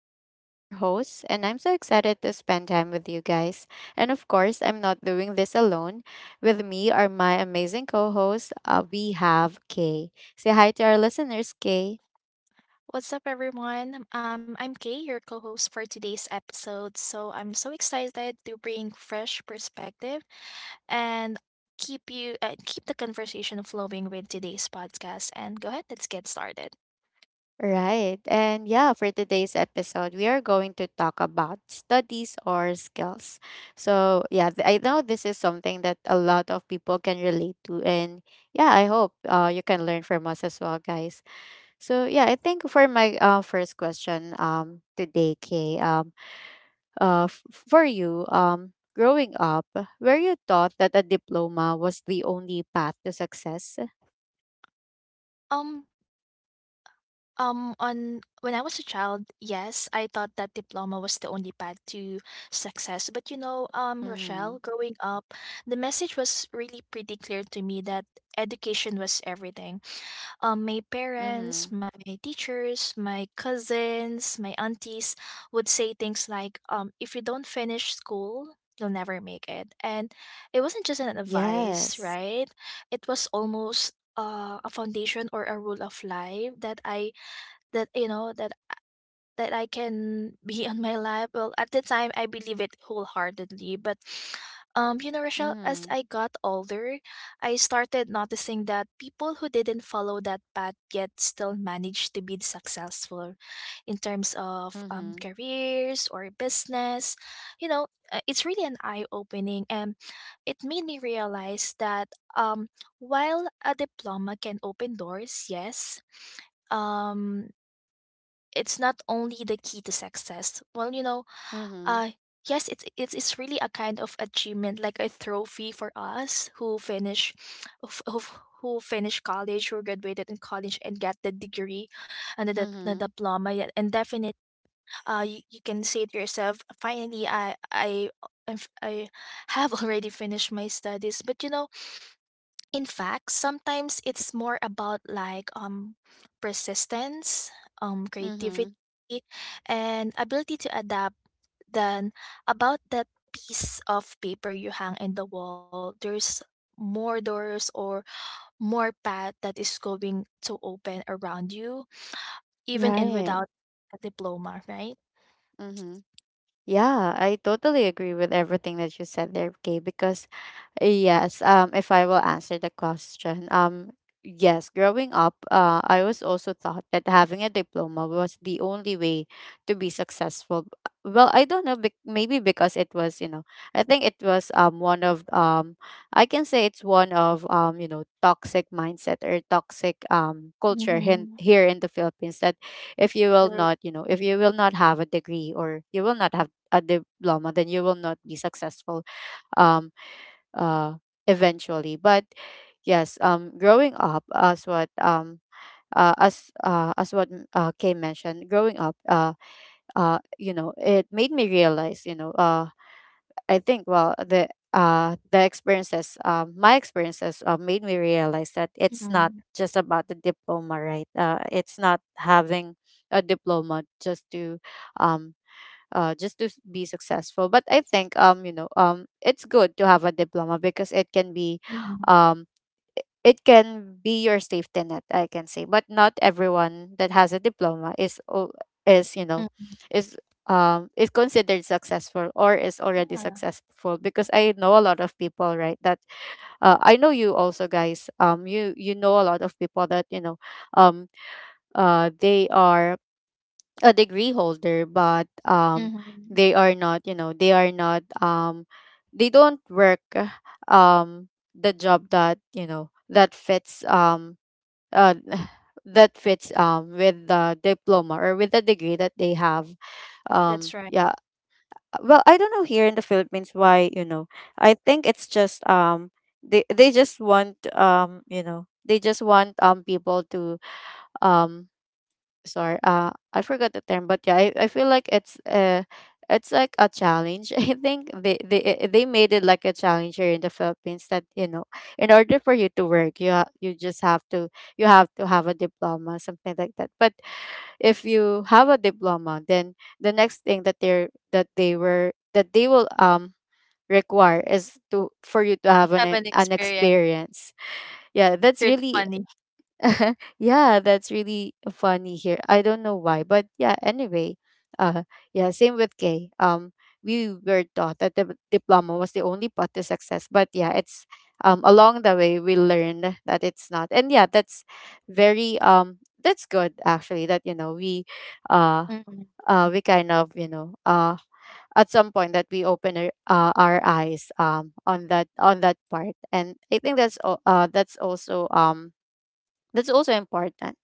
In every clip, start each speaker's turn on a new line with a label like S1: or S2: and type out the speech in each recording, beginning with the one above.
S1: Talks. I'm your host, and I'm so excited to spend time with you guys. And of course, I'm not doing this alone. With me are my amazing co hosts. We have Kay. Say hi to our listeners, Kay.
S2: What's up, everyone? I'm Kay, your co host for today's episode. So I'm so excited to bring fresh perspective and keep you keep the conversation flowing with today's podcast. And go ahead, let's get started.
S1: Right. And yeah, for today's episode, we are going to talk about studies or skills. So, yeah, I know this is something that a lot of people can relate to. And yeah, I hope you can learn from us as well, guys. So yeah, I think for my first question today, Kay, for you growing up, were you taught that a diploma was the only path to success?
S2: Um, on when I was a child, yes, I thought that diploma was the only path to success. But you know,
S1: Mm-hmm.
S2: Rochelle, growing up, the message was really pretty clear to me that education was everything, my parents,
S1: Mm-hmm.
S2: my teachers, my cousins, my aunties would say things like, if you don't finish school, you'll never make it. And it wasn't just an advice,
S1: Yes.
S2: right? It was almost a foundation or a rule of life that I that you know that I can be on my life. Well, at the time, I believe it wholeheartedly. But, you know, Rochelle, as
S1: Mm-hmm.
S2: I got older, I started noticing that people who didn't follow that path yet still managed to be successful in terms of
S1: Mm-hmm.
S2: careers or business. You know, it's really an eye opening. And it made me realize that um, while a diploma can open doors, yes. Um, it's not only the key to success. Well, you know,
S1: Mm-hmm.
S2: uh yes, it's really a kind of achievement, like a trophy for us who finish of who finished college, who graduated in college and get the degree and the
S1: Mm-hmm.
S2: diploma, yeah, and definitely, you, you can say to yourself, finally I have already finished my studies, but you know in fact, sometimes it's more about like persistence,
S1: Mm-hmm.
S2: creativity and ability to adapt than about that piece of paper you hang in the wall. There's more doors or more path that is going to open around you even in
S1: Right.
S2: without a diploma, right?
S1: Mm-hmm. Yeah, I totally agree with everything that you said there, Kay, because yes, if I will answer the question, yes, growing up, I was also taught that having a diploma was the only way to be successful. Well, I don't know, maybe because it was, you know, I think it was one of I can say it's one of you know toxic mindset or toxic culture
S2: Mhm.
S1: here in the Philippines that if you will not, you know, if you will not have a degree or you will not have a diploma, then you will not be successful. um uh, eventually. But yes, growing up, as what Kay mentioned, growing up, you know, it made me realize, you know, I think well the experiences my experiences made me realize that it's not
S2: Mhm.
S1: just about the diploma, right? It's not having a diploma um just to be successful. But I think you know it's good to have a diploma because
S2: Mhm.
S1: um it can be your safety net, I can say. But not everyone that has a diploma is is, you know,
S2: Mhm.
S1: is is considered successful or is already
S2: Yeah.
S1: successful, because I know a lot of people, right, that I know you also guys you you know a lot of people that you know um they are a degree holder, but
S2: Mhm.
S1: they are not, you know, they are not they don't work um the job that you know that fits uh that fits with the diploma or with the degree that they have.
S2: That's right.
S1: Yeah, well, I don't know, here in the Philippines, why, you know, I think it's just they just want you know they just want people to um sorry, I forgot the term, but yeah, I feel like it's like a challenge. I think they made it like a challenge here in the Philippines that, you know, in order for you to work you you just have to you have to have a diploma, something like that. But if you have a diploma, then the next thing that they're that they were that they will require is to for you to have
S2: Have an
S1: an
S2: experience.
S1: experience. Yeah,
S2: It's
S1: that's
S2: really
S1: really
S2: funny.
S1: yeah, that's really funny here. I don't know why, but yeah, anyway, uh yeah, same with Kay. We were taught that the diploma was the only path to success, but yeah, it's along the way we learned that it's not. And yeah, that's very that's good, actually, that you know uh
S2: Mhm.
S1: we kind of, you know, at some point that we open our eyes on that part, and I think that's that's also important.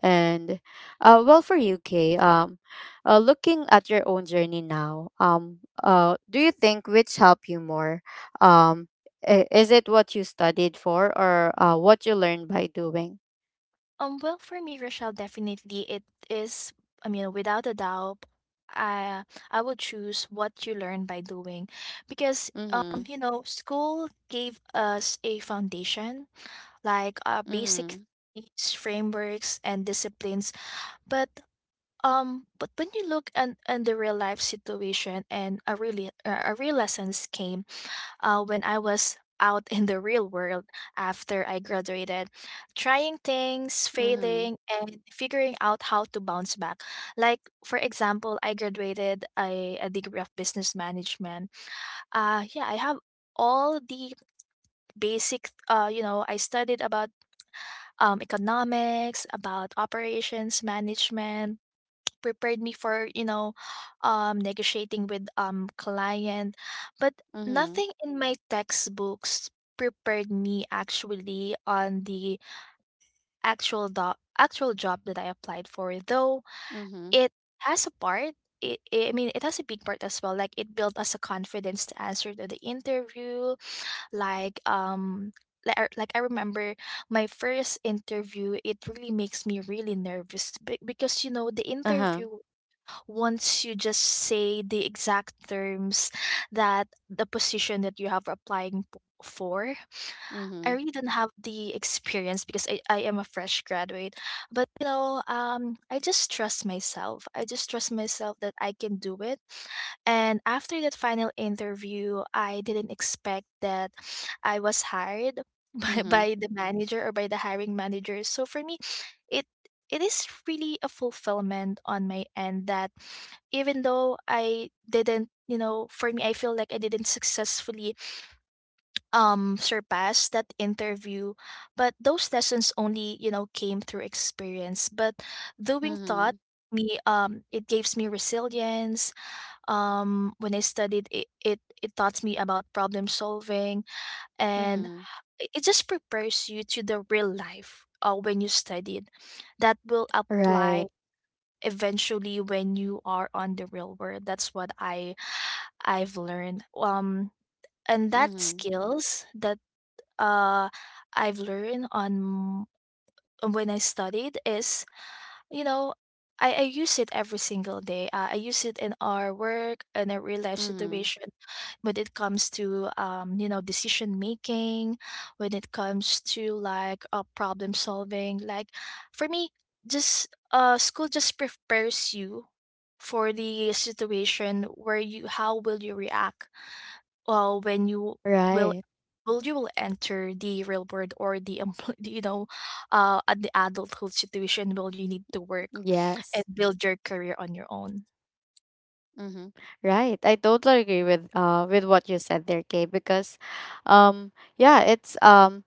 S1: And well, for UK, um, looking at your own journey now, do you think which helped you more? Um, is it what you studied for or what you learned by doing?
S2: Well, for me, Rochelle, definitely it is, I mean, without a doubt, I I would choose what you learn by doing because
S1: Mm-hmm.
S2: you know, school gave us a foundation, like
S1: Mm-hmm.
S2: basic things, frameworks and disciplines, but but when you look at the real life situation and a really a real lessons came when I was out in the real world after I graduated, trying things,
S1: Mm-hmm.
S2: failing, and figuring out how to bounce back. Like, for example, I graduated a degree of business management. Yeah, I have all the basic you know I studied about economics, about operations management, prepared me for you know negotiating with client, but
S1: Mm-hmm.
S2: nothing in my textbooks prepared me actually on the actual job that I applied for, though
S1: Mm-hmm.
S2: it has a part, I mean, it has a big part as well. Like it built us a confidence to answer to the interview. Like like I remember my first interview. It really makes me really nervous because you know the
S1: Uh-huh.
S2: interviewer once you just say the exact terms that the position that you have applying for. I
S1: Mm-hmm.
S2: really didn't have the experience because I am a fresh graduate. But you know, I just trust myself. I just trust myself that I can do it. And after that final interview, I didn't expect that I was hired
S1: Mm-hmm.
S2: by the manager or by the hiring manager. So for me, it it is really a fulfillment on my end that even though I didn't, you know, for me, I feel like I didn't successfully surpass that interview, but those lessons only you know came through experience, but doing
S1: Mm-hmm.
S2: taught me, it gives me resilience, when I studied it, it taught me about problem solving, and
S1: Mm-hmm.
S2: it just prepares you to the real life when you studied that will apply
S1: Right.
S2: eventually when you are on the real world. That's what I've learned, and that
S1: Mm-hmm.
S2: skills that uh, I've learned on when I studied is you know I use it every single day. I use it in our work in a real life
S1: Mm-hmm.
S2: situation when it comes to you know, decision making, when it comes to like problem solving, like for me, just school just prepares you for the situation where you how will you react well when will
S1: Right.
S2: you will enter the real world or the you know at the adulthood situation, will you need to work and
S1: Yes.
S2: build your career on your own.
S1: Mm-hmm. Right. I totally agree with what you said there, Kay, because um yeah, it's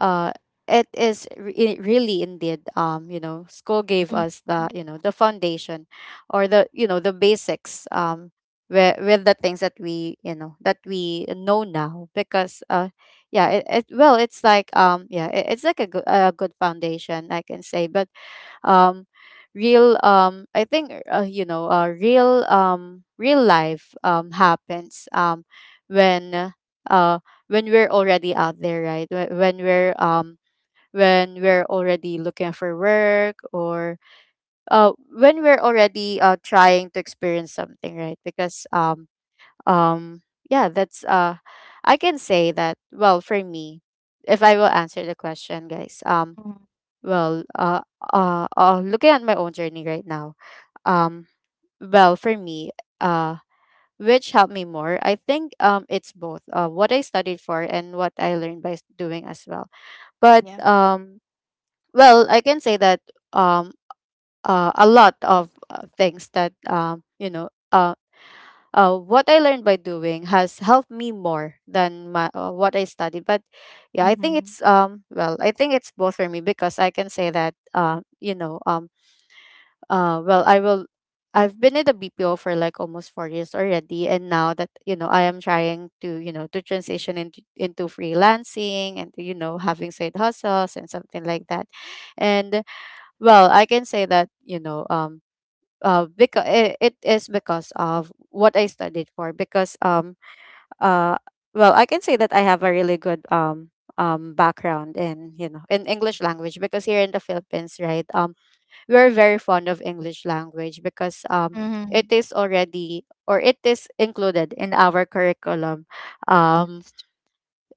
S1: uh it it really indeed you know school gave
S2: Mm,
S1: us the you know the foundation or the you know the basics with the things that we you know that we know now, because yeah it well it's like yeah it's like a good foundation, I can say. But um real I think you know real real life happens when uh when we're already out there, right? When we're when we're already looking for work, or when we're already trying to experience something, right? Because um yeah, that's I can say that, well, for me, if I will answer the question, guys,
S2: mm,
S1: well, uh, looking at my own journey right now, um, well, for me, uh, which helped me more, I think it's both what I studied for and what I learned by doing as well. But,
S2: yeah.
S1: well, I can say that um, a lot of things that, you know, what I learned by doing has helped me more than my, what I studied. But yeah, I think
S2: Mm-hmm.
S1: it's well, I think it's both for me, because I can say that you know well I've been in the BPO for like almost 4 years already, and now that you know I am trying to you know to transition into freelancing and you know having side hustles and something like that. And well, I can say that, you know, because it is because of what I studied for, because uh well, I can say that I have a really good background in, you know, in English language, because here in the Philippines, right, we're very fond of English language, because it
S2: Mm-hmm.
S1: is already or it is included in our curriculum. um
S2: That's true.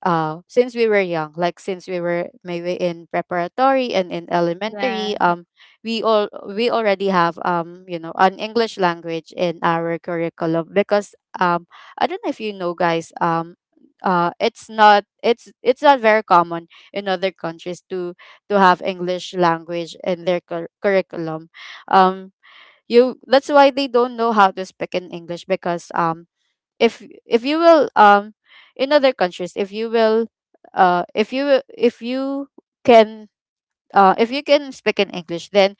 S1: since we were young, like since we were maybe in preparatory and in
S2: Yeah.
S1: elementary, we all we already have you know an English language in our curriculum, because I don't know if you know, guys, it's not it's not very common in other countries to have English language in their curriculum. um you, that's why they don't know how to speak in English, because if you will, in other countries, if you will uh if you will- if you can if you can speak in English, then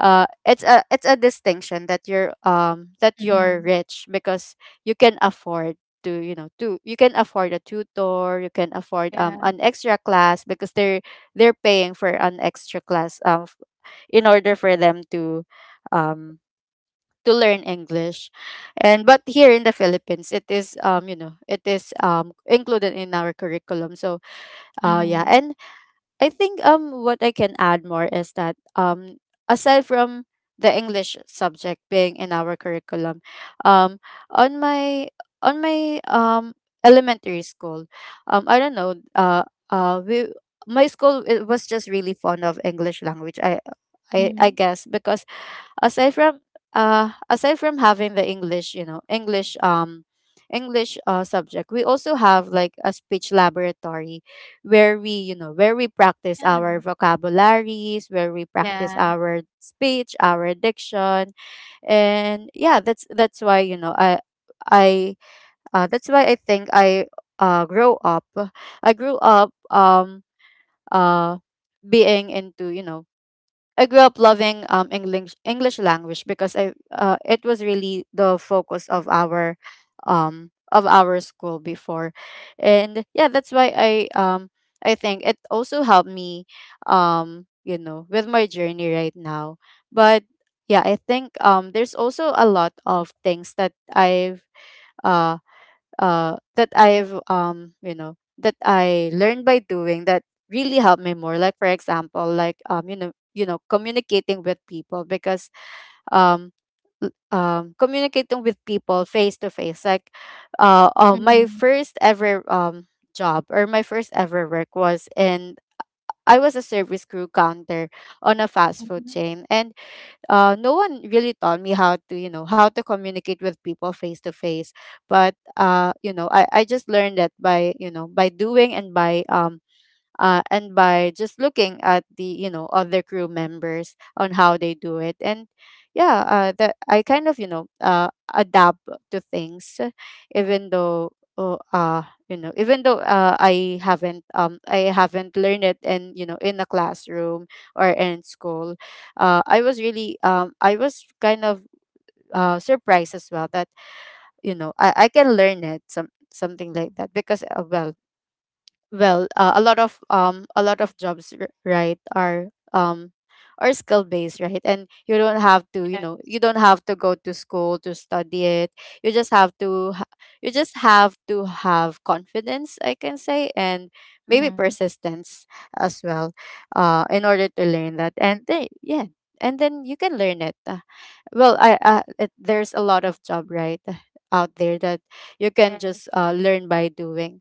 S1: it's a distinction that you're
S2: Mm-hmm.
S1: rich, because you can afford to you know to you can afford a tutor, you can afford
S2: Yeah.
S1: an extra class because they're paying for an extra class in order for them um to learn English. And but here in the Philippines, it is you know it is included in our curriculum. So yeah,
S2: Mm-hmm.
S1: and I think what I can add more is that aside from the English subject being in our curriculum, um on my on my elementary school, I don't know we my school, it was just really fond of English language. I
S2: Mhm.
S1: guess, because aside from aside from having the English you know English English subject, we also have like a speech laboratory where we you know where we practice our
S2: Yeah.
S1: vocabularies, where we practice
S2: Yeah.
S1: our speech, our diction. And yeah, that's why you know I that's why I think I grow up I grew up uh being into you know I grew up loving English English language, because I it was really the focus of our school before. And yeah, that's why I think it also helped me you know with my journey right now. But yeah, I think there's also a lot of things uh, that I've you know that I learned by doing that really helped me more. Like for example, communicating with people because um communicating with people face to face. My
S2: Mhm.
S1: first ever job, or my first ever work was in, I was a service crew counter on a fast food
S2: Mhm.
S1: chain, and no one really taught me how to communicate with people face to face. But I just learned that by by doing and by just looking at the, you know, other crew members on how they do it. And yeah, that I kind of, you know, adapt to things. Even though, oh, uh you know, even though I haven't learned it in, you know, in a classroom or in school, I was really I was kind of surprised as well that, you know, I can learn it, some something like that, because a lot of jobs, right, are skill based, right? And you don't have to, you
S2: Yeah.
S1: know, you don't have to go to school to study it. You just you just have to have confidence, I can say, and maybe
S2: Mhm.
S1: persistence as well, in order to learn that, and then yeah, and then you can learn it. There's a lot of job, right, out there that you can
S2: Yes.
S1: just learn by doing.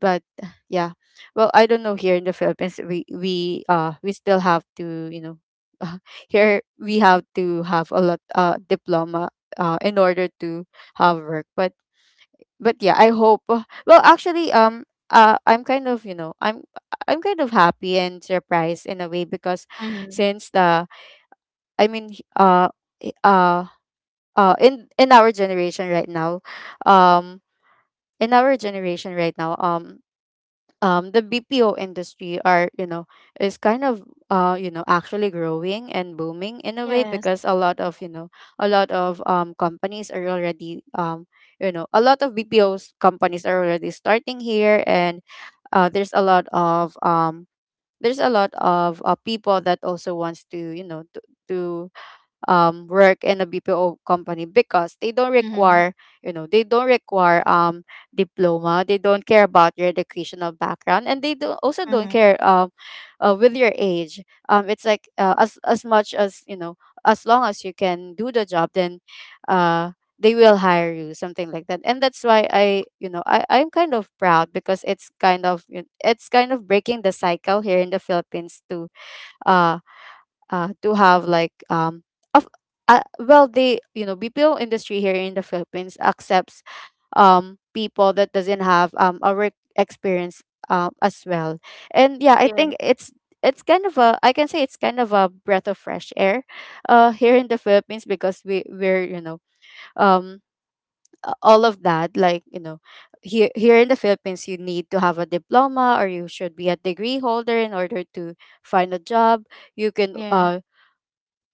S1: But yeah, well, I don't know, here in the Philippines we we still have to, you know, uh, here we have to have a lot diploma in order to have work. But yeah, I hope well actually I'm kind of, you know, I'm kind of happy and surprised in a way, because
S2: Mhm.
S1: since the, I mean, i- uh in our generation right now, um in our generation right now, the BPO industry are, you know, is kind of you know, actually growing and booming in a way,
S2: Yes.
S1: because a lot of, you know, a lot of companies are already you know, a lot of BPOs companies are already starting here. And there's a lot of there's a lot of people that also wants to, you know, to work in a BPO company, because they don't
S2: Mhm.
S1: require, you know, they don't require diploma. They don't care about your educational background, and they do also don't
S2: Mhm.
S1: care with your age. It's like as much as, you know, as long as you can do the job, then uh, they will hire you, something like that. And that's why I, you know, I'm kind of proud, because it's kind of you, it's kind of breaking the cycle here in the Philippines too, to have like of well, they, you know, BPO industry here in the Philippines accepts people that doesn't have a work experience as well. And yeah, I
S2: Yeah.
S1: think it's kind of a, I can say, it's kind of a breath of fresh air here in the Philippines, because we're you know, um all of that, like, you know, here, here in the Philippines you need to have a diploma, or you should be a degree holder in order to find a job. You can
S2: Yeah.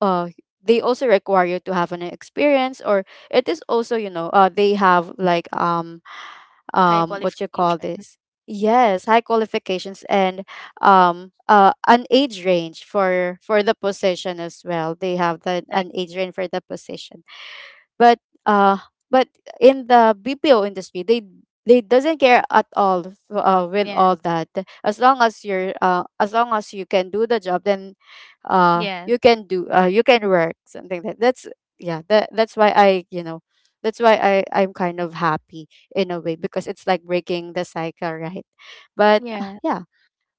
S1: uh they also require you to have an experience, or it is also, you know, they have like
S2: High
S1: what you call
S2: qualification.
S1: this, yes, high qualifications, and an age range for the position. As well, they have the
S2: Like,
S1: an age range for the position. But uh but in the BPO industry they doesn't care at all, with
S2: yeah.
S1: all that. As long as you're as long as you can do the job, then
S2: Yeah.
S1: you can do you can work, something like that. That's, yeah, that, that's why I, you know, that's why I'm kind of happy in a way, because it's like breaking the cycle, right? But
S2: Yeah.
S1: yeah.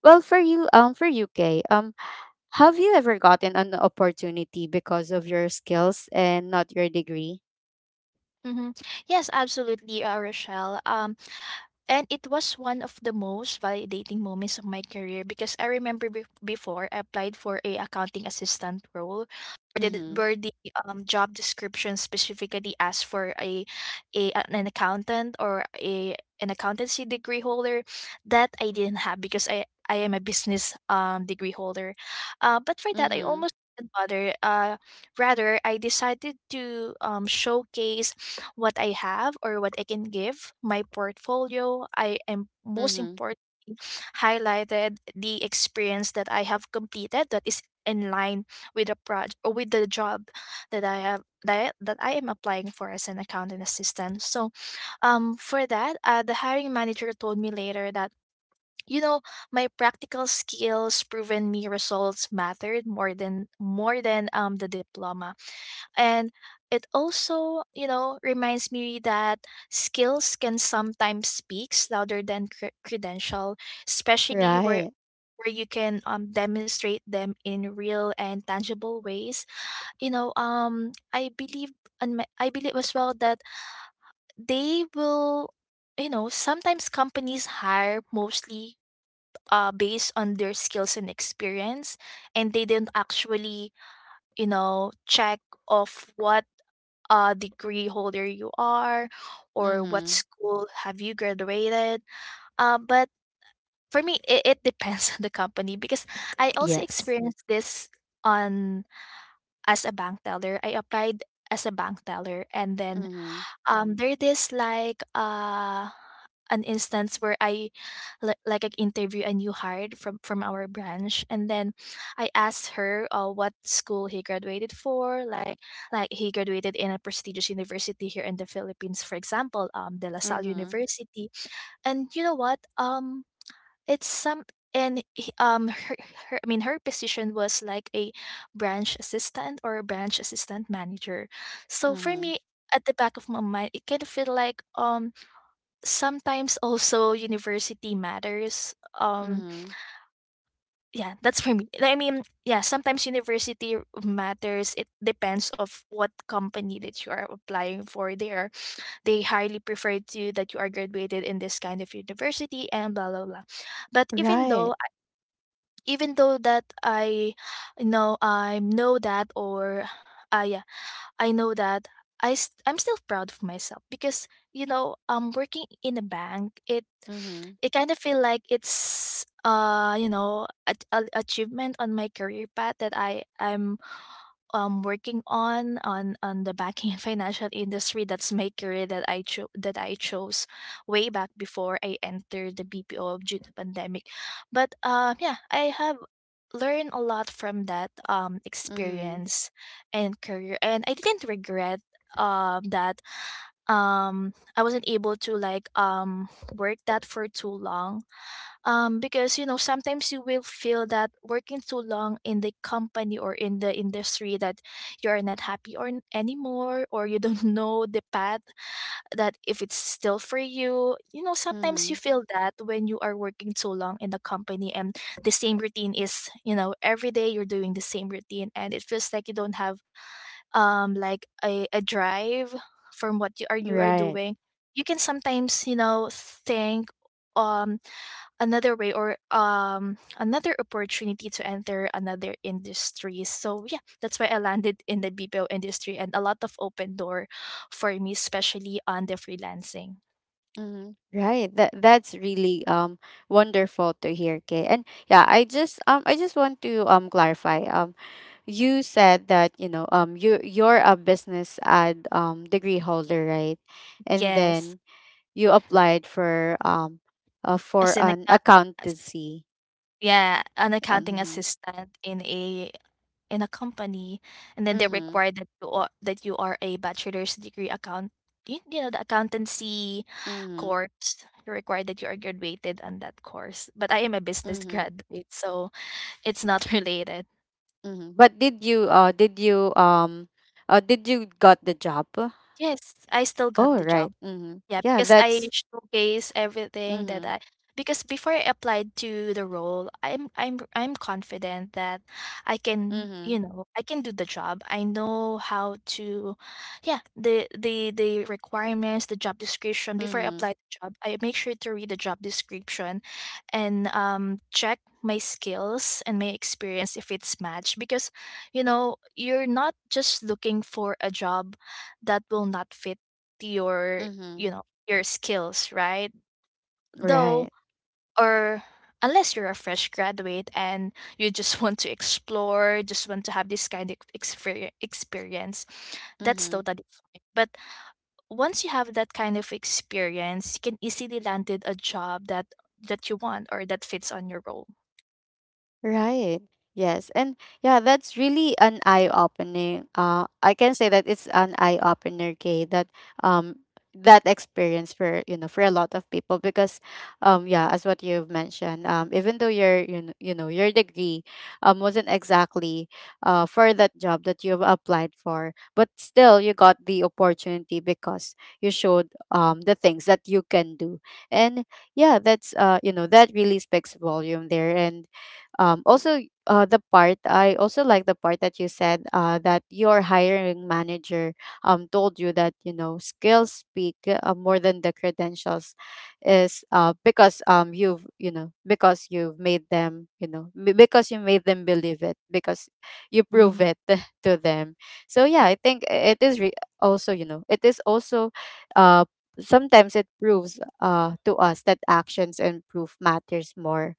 S1: Well, for you, for UK, have you ever gotten an opportunity because of your skills and not your degree?
S2: Hmm. Yes, absolutely, Rochelle. And it was one of the most validating moments of my career because I remember before I applied for a accounting assistant role where the,
S1: Mhm.
S2: where the job description specifically asked for a an accountant or a an accountancy degree holder that I didn't have because I am a business degree holder. But for that I
S1: Mhm.
S2: almost didn't bother. Rather, I decided to showcase what I have or what I can give. My portfolio, I am most
S1: Mhm.
S2: important, highlighted the experience that I have completed that is in line with the project or with the job that that I am applying for as an accountant assistant. So for that, the hiring manager told me later that you know my practical skills proven me results mattered more than the diploma, and it also you know reminds me that skills can sometimes speak louder than credential, especially
S1: Right.
S2: where you can demonstrate them in real and tangible ways. You know I believe, and I believe as well that they will you know sometimes companies hire mostly based on their skills and experience, and they do not actually you know check of what degree holder you are or what
S1: Mhm.
S2: school have you graduated. But for me, it depends on the company because I also
S1: Yes.
S2: experienced this on as a bank teller. I applied as a bank teller, and then
S1: Mhm.
S2: there this like an instance where like I interview a new hire from our branch, and then I asked her what school he graduated for, like he graduated in a prestigious university here in the Philippines, for example, De La Salle
S1: Mhm.
S2: University, and you know what, it's some and he- her, her, I mean her position was like a branch assistant or a branch assistant manager, so for
S1: Mhm.
S2: me at the back of my mind it kind of feel like sometimes also university matters.
S1: Mhm.
S2: Yeah, that's for me. I mean, yeah, sometimes university matters. It depends of what company that you are applying for. They are they highly prefer to that you are graduated in this kind of university and blah blah blah. But
S1: Right.
S2: even though that I know that or I I know that I'm still proud of myself because you know working in a bank
S1: Mhm.
S2: it kind of feel like it's you know a achievement on my career path that I'm working on on the banking and financial industry. That's my career that I chose way back before I entered the BPO due to pandemic. But yeah, I have learned a lot from that
S1: Mhm.
S2: experience and career, and I didn't regret that I wasn't able to like work that for too long, because you know sometimes you will feel that working too long in the company or in the industry that you are not happy or anymore, or you don't know the path that if it's still for you. You know sometimes you
S1: Mhm.
S2: feel that when you are working too long in the company and the same routine is you know every day you're doing the same routine, and it feels like you don't have like a drive from what you are
S1: Right.
S2: doing. You can sometimes you know think um another way or another opportunity to enter another industry. So yeah, that's why I landed in the BPO industry, and a lot of open door for me, especially on the freelancing.
S1: Mhm. Right. That, that's really wonderful to hear, Kay. And yeah, I just want to clarify. You said that, you know, you're a business ad degree holder, right? And
S2: Yes.
S1: then you applied for
S2: As an
S1: an
S2: account,
S1: accountancy.
S2: yeah, an accounting
S1: Mhm.
S2: assistant in a company, and then they
S1: Mhm.
S2: require that you are a bachelor's degree account, you know, the accountancy
S1: Mhm.
S2: course. You require that you are graduated on that course. But I am a business
S1: Mhm.
S2: graduate, so it's not related.
S1: Mhm. But did you did you did you got the job?
S2: Yes, I still got
S1: Oh,
S2: the
S1: right.
S2: job.
S1: Mhm.
S2: Yeah,
S1: Yeah,
S2: because I
S1: that's
S2: showcase everything that
S1: mhm.
S2: I, because before I applied to the role, I'm confident that I can, you
S1: Mhm.
S2: know, I can do the job. I know how to, yeah, the requirements, the job description. Before I
S1: Mhm.
S2: apply the job, I make sure to read the job description and check my skills and my experience if it's matched, because you know, you're not just looking for a job that will not fit your
S1: Mhm.
S2: you know your skills, right, though
S1: Right.
S2: or unless you're a fresh graduate and you just want to explore, just want to have this kind of experience. That's
S1: Mhm.
S2: totally fine, but once you have that kind of experience you can easily landed a job that that you want or that fits on your role.
S1: Right. Yes. And yeah, that's really an eye opening. I can say that it's an eye opener, Kay, that um that experience for, you know, for a lot of people, because yeah, as what you've mentioned, even though your, you know your degree wasn't exactly for that job that you've applied for, but still you got the opportunity because you showed the things that you can do. And yeah, that's you know, that really speaks volume there. And also the part I also like the part that you said that your hiring manager told you that, you know, skills speak more than the credentials, is because you know, because you've made them, you know, because you made them believe it, because you prove
S2: Hmm.
S1: it to them. So yeah, I think it is also, you know, it is also uh sometimes it proves to us that actions and proof matters more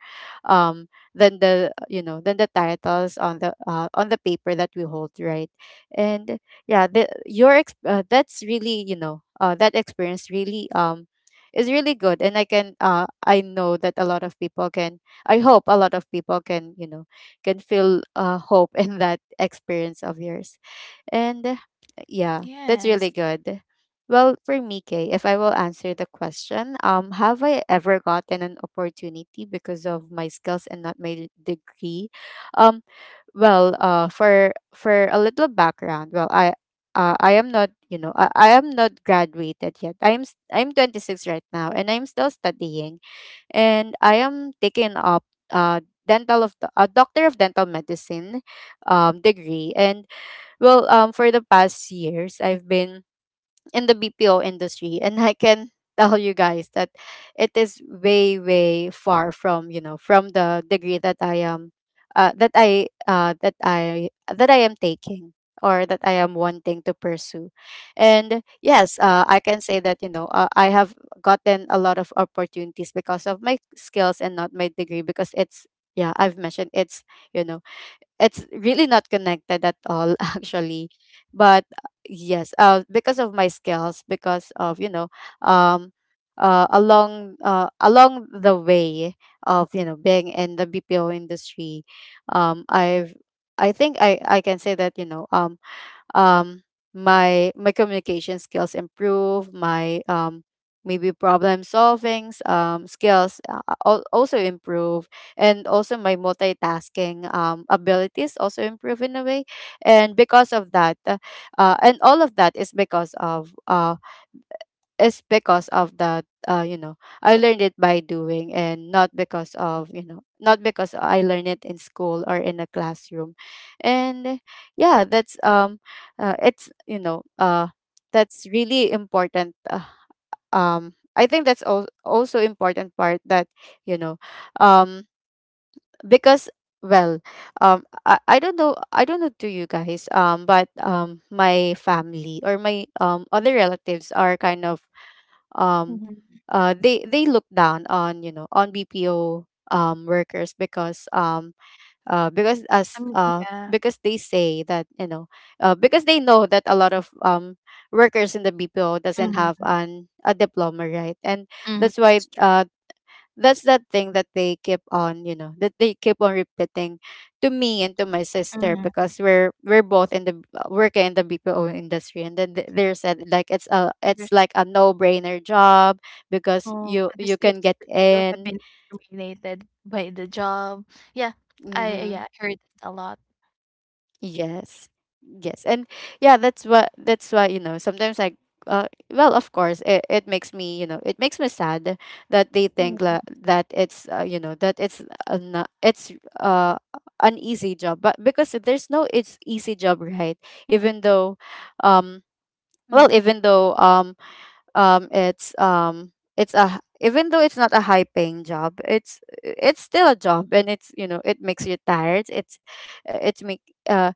S1: um than the, you know, than the titles on the paper that we hold, right? And yeah, that's really, you know, that experience really is really good, and I can I know that a lot of people can, I hope a lot of people can, you know, can feel hope in that experience of yours. And yeah,
S2: Yes.
S1: that's really good. Well, for me, Kay, if I will answer the question, have I ever gotten an opportunity because of my skills and not my degree? Um, well, for a little background, well, I am not, you know, I am not graduated yet. I'm 26 right now, and I'm still studying, and I am taking up uh dental of the, a doctor of dental medicine degree. And well, for the past years I've been in the BPO industry. And I can tell you guys that it is way, way far from, you know, from the degree that I am that I am taking, or that I am wanting to pursue. And yes, I can say that, you know, I have gotten a lot of opportunities because of my skills and not my degree, because it's, yeah, I've mentioned, it's, you know, it's really not connected at all actually. But yes, because of my skills, because of, you know, um along the way of, you know, being in the BPO industry, I've, I think I can say that, you know, um my, my communication skills improve, my maybe problem solving skills also improve, and also my multitasking abilities also improve in a way. And because of that, and all of that is because of that you know, I learned it by doing and not because of, you know, not because I learned it in school or in a classroom. And yeah, that's it's, you know, that's really important, I think that's also important part, that, you know, um because, well, I don't know, I don't know to you guys, but my family or my other relatives are kind of um
S2: Mm-hmm.
S1: they look down on, you know, on BPO workers, because
S2: I
S1: as
S2: mean, yeah.
S1: because they say that, you know, because they know that a lot of workers in the BPO doesn't
S2: Hmm.
S1: have an a diploma, right? And
S2: Hmm,
S1: that's why
S2: that's true.
S1: that's that thing that they keep on, you know, that they keep on repeating to me and to my sister,
S2: Hmm.
S1: because we're both in the, working in the BPO industry. And then they said like it's a, it's like a no brainer job, because
S2: Oh,
S1: you
S2: other
S1: you can
S2: states
S1: get
S2: superhero have
S1: in.
S2: been discriminated by the job. Yeah,
S1: Mm-hmm.
S2: yeah, I heard it a lot.
S1: Yes. Yes. And yeah, that's what, that's why, you know, sometimes I uh, well, of course, it makes me, you know, it makes me sad that they think
S2: Yeah.
S1: that it's, you know, that it's not, it's uh, an easy job. But because there's no, it's easy job, right? Even though,
S2: Mm,
S1: um, well, even though um, it's um, it's a even though it's not a high paying job, it's still a job, and it's, you know, it makes you tired. It's make uh,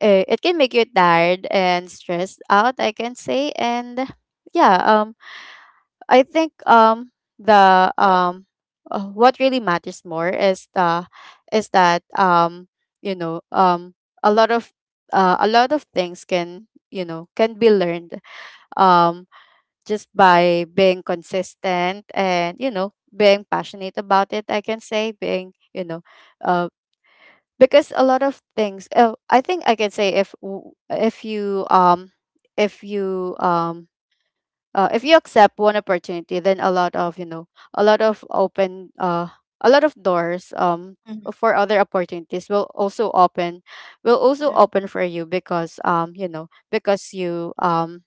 S1: it can make you tired and stressed out, I can say. And yeah, I think the what really matters more is the is that you know a lot of a lot of things can, can be learned, um just by being consistent, and, you know, being passionate about it, I can say, being you know uh, because a lot of things, I think I can say, if if you um if you accept one opportunity, then a lot of, a lot of open, a lot of doors,
S2: mm,
S1: for other opportunities will also open,
S2: yeah.
S1: for you, because, you know, because you um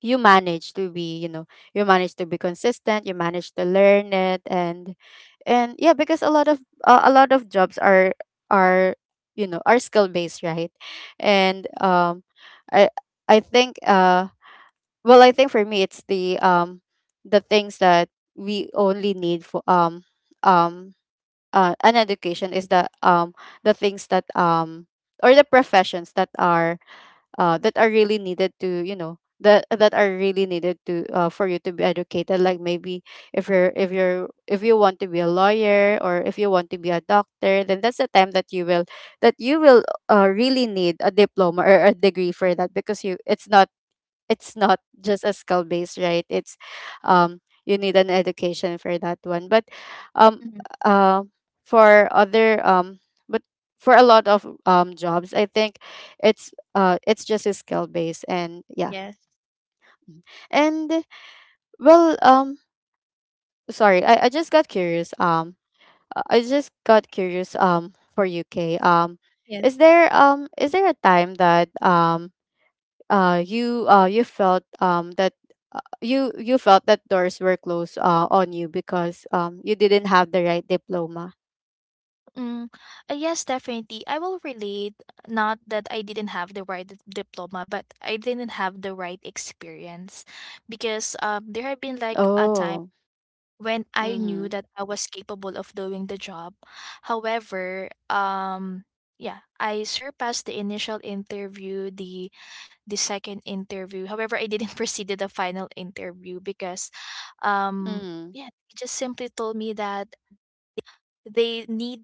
S1: you manage to be, you manage to be consistent, you manage to learn it. And yeah, because a lot of jobs are, are you know, are skill based, right? And I I think well, I think for me it's the things that we only need for um an education is the things that, or the professions that are, that are really needed to, you know, that are really needed to, for you to be educated, like, maybe if you're, if you want to be a lawyer, or if you want to be a doctor, then that's the time that you will, really need a diploma or a degree for that, because you, it's not, just a skill based, right? It's, um you need an education for that one. But um
S2: Mm,
S1: uh for other but for a lot of jobs I think it's, it's just a skill based. And yeah.
S2: yes.
S1: Mhm. And well um sorry, I just got curious, for UK. um
S2: Yes.
S1: is there, is there a time that, you, you felt, that, you felt that doors were closed, on you because, you didn't have the right diploma?
S2: Mm, yes, definitely. I will relate. Not that I didn't have the right diploma, but I didn't have the right experience, because there have been like a time
S1: Oh.
S2: when I knew
S1: Mhm.
S2: that I was capable of doing the job. However, yeah, I surpassed the initial interview, the second interview. However, I didn't proceed to the final interview because um
S1: Mhm.
S2: yeah, they just simply told me that they need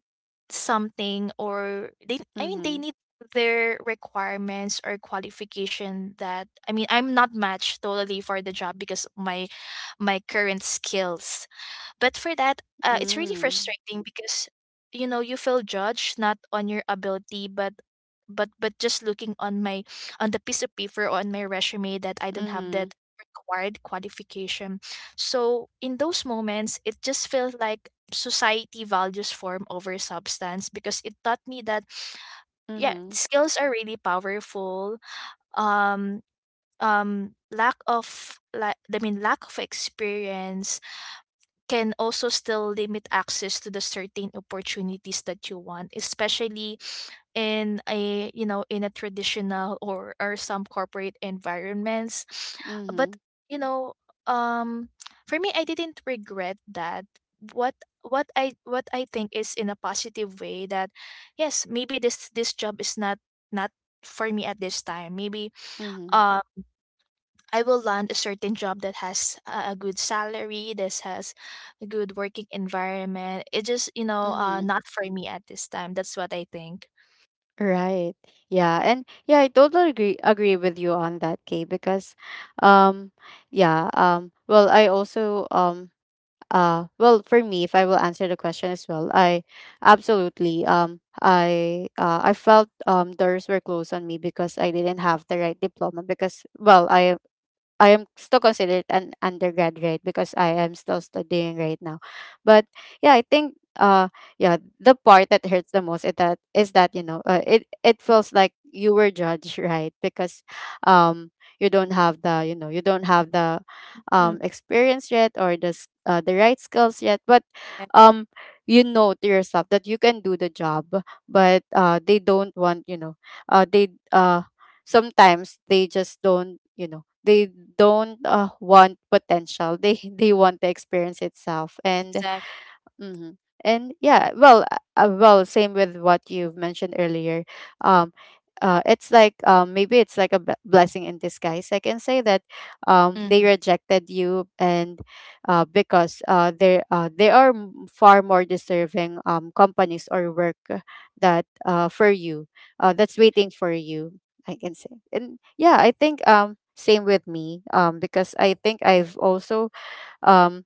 S2: something, or they I mean they
S1: Mhm.
S2: need their requirements or qualification that, I mean I'm not matched totally for the job because of my my current skills. But for that, it's really
S1: Mm.
S2: frustrating because you know you feel judged not on your ability, but but just looking on my on the piece of paper or on my resume that I don't have that
S1: Mhm.
S2: required qualification. So in those moments, it just feels like society values form over substance, because it taught me that yeah
S1: Mhm.
S2: skills are really powerful, um lack of, like I mean lack of experience can also still limit access to the certain opportunities that you want, especially in a you know in a traditional or some corporate environments. But
S1: Mhm.
S2: you know um for me I didn't regret that. What what I think is in a positive way that yes maybe this this job is not not for me at this time. Maybe
S1: Mhm.
S2: uh I will land a certain job that has a good salary, this has a good working environment. It just, you know,
S1: Mhm.
S2: not for me at this time. That's what I think.
S1: Right. Yeah. And yeah, I totally agree with you on that, Kay, because, um yeah, well, I also, well, for me, if I will answer the question as well, I absolutely, I felt, doors were closed on me because I didn't have the right diploma, because, well, I am still considered an undergraduate because I am still studying right now. But yeah, I think, yeah, the part that hurts the most is that, you know, it feels like you were judged, right? Because, um you don't have the
S2: Mhm.
S1: experience yet, or the the right skills yet, but,
S2: Yeah.
S1: um you know to yourself that you can do the job. But, they don't want, you know, they sometimes they just don't, you know, they don't, want potential. They they want the experience itself, and
S2: Exactly.
S1: Mm-hmm. And yeah, well, well, same with what you've mentioned earlier. Um, it's like, maybe it's like a blessing in disguise, I can say, that, they
S2: Hmm.
S1: rejected you, and, because they are far more deserving, companies or work, that, for you, that's waiting for you, I can say. And yeah, I think, same with me, because I think I've also, um,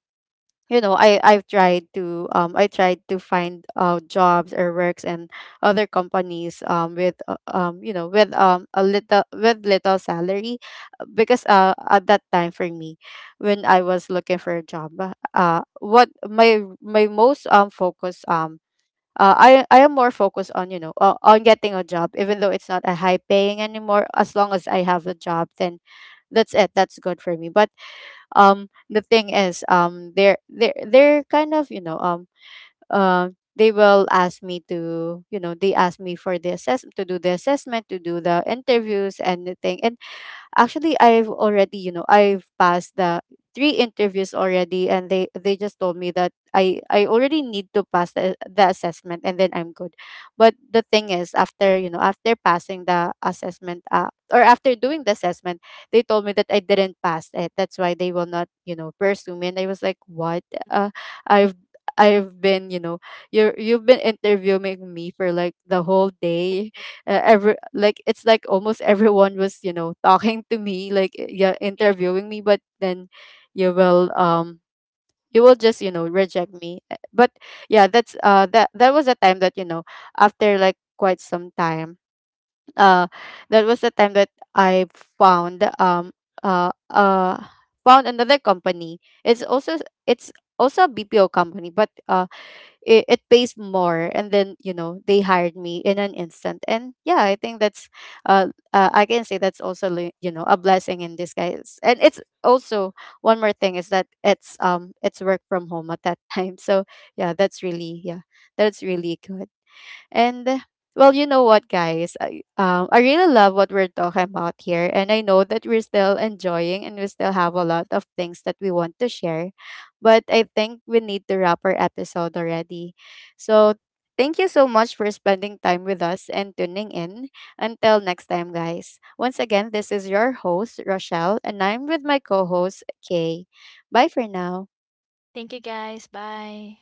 S1: you know, I've tried to, I tried to find, jobs or works, and other companies, with you know, with, a little, with little salary, because, at that time for me, when I was looking for a job, what my, most, focus, I am more focused on, you know, on getting a job, even though it's not a high paying anymore, as long as I have a job, then that's it, that's good for me. But, the thing is, they're kind of, you know, uh they will ask me to, you know, they ask me for the assessment, to do the assessment, to do the interviews and the thing. And actually, I've already, you know, I've passed the three interviews already, and they just told me that I already need to pass the assessment, and then I'm good. But the thing is, after, you know, after passing the assessment, or after doing the assessment, they told me that I didn't pass it. That's why they will not, you know, pursue me, and I was like, "What? Uh, I've I've been, you know, you've been interviewing me for like the whole day, every, like, it's like almost everyone was, you know, talking to me, like, yeah,
S2: Yeah.
S1: interviewing me, but then you will, you will just, you know, reject me." But yeah, that's, that was a time that, you know, after like quite some time, uh that was the time that I found, uh uh found another company. It's also, a BPO company, but, it, it pays more, and then, you know, they hired me in an instant. And yeah, I think that's, uh, I can say, that's also, you know, a blessing in disguise. And it's also one more thing is that, it's, it's work from home at that time. So yeah, that's really, yeah, that's really good. And, well, you know what, guys? I really love what we're talking about here. And I know that we're still enjoying, and we still have a lot of things that we want to share. But I think we need to wrap our episode already. So thank you so much for spending time with us and tuning in. Until next time, guys. Once again, this is your host, Rochelle, and I'm with my co host, Kay. Bye for now.
S2: Thank you guys. Bye.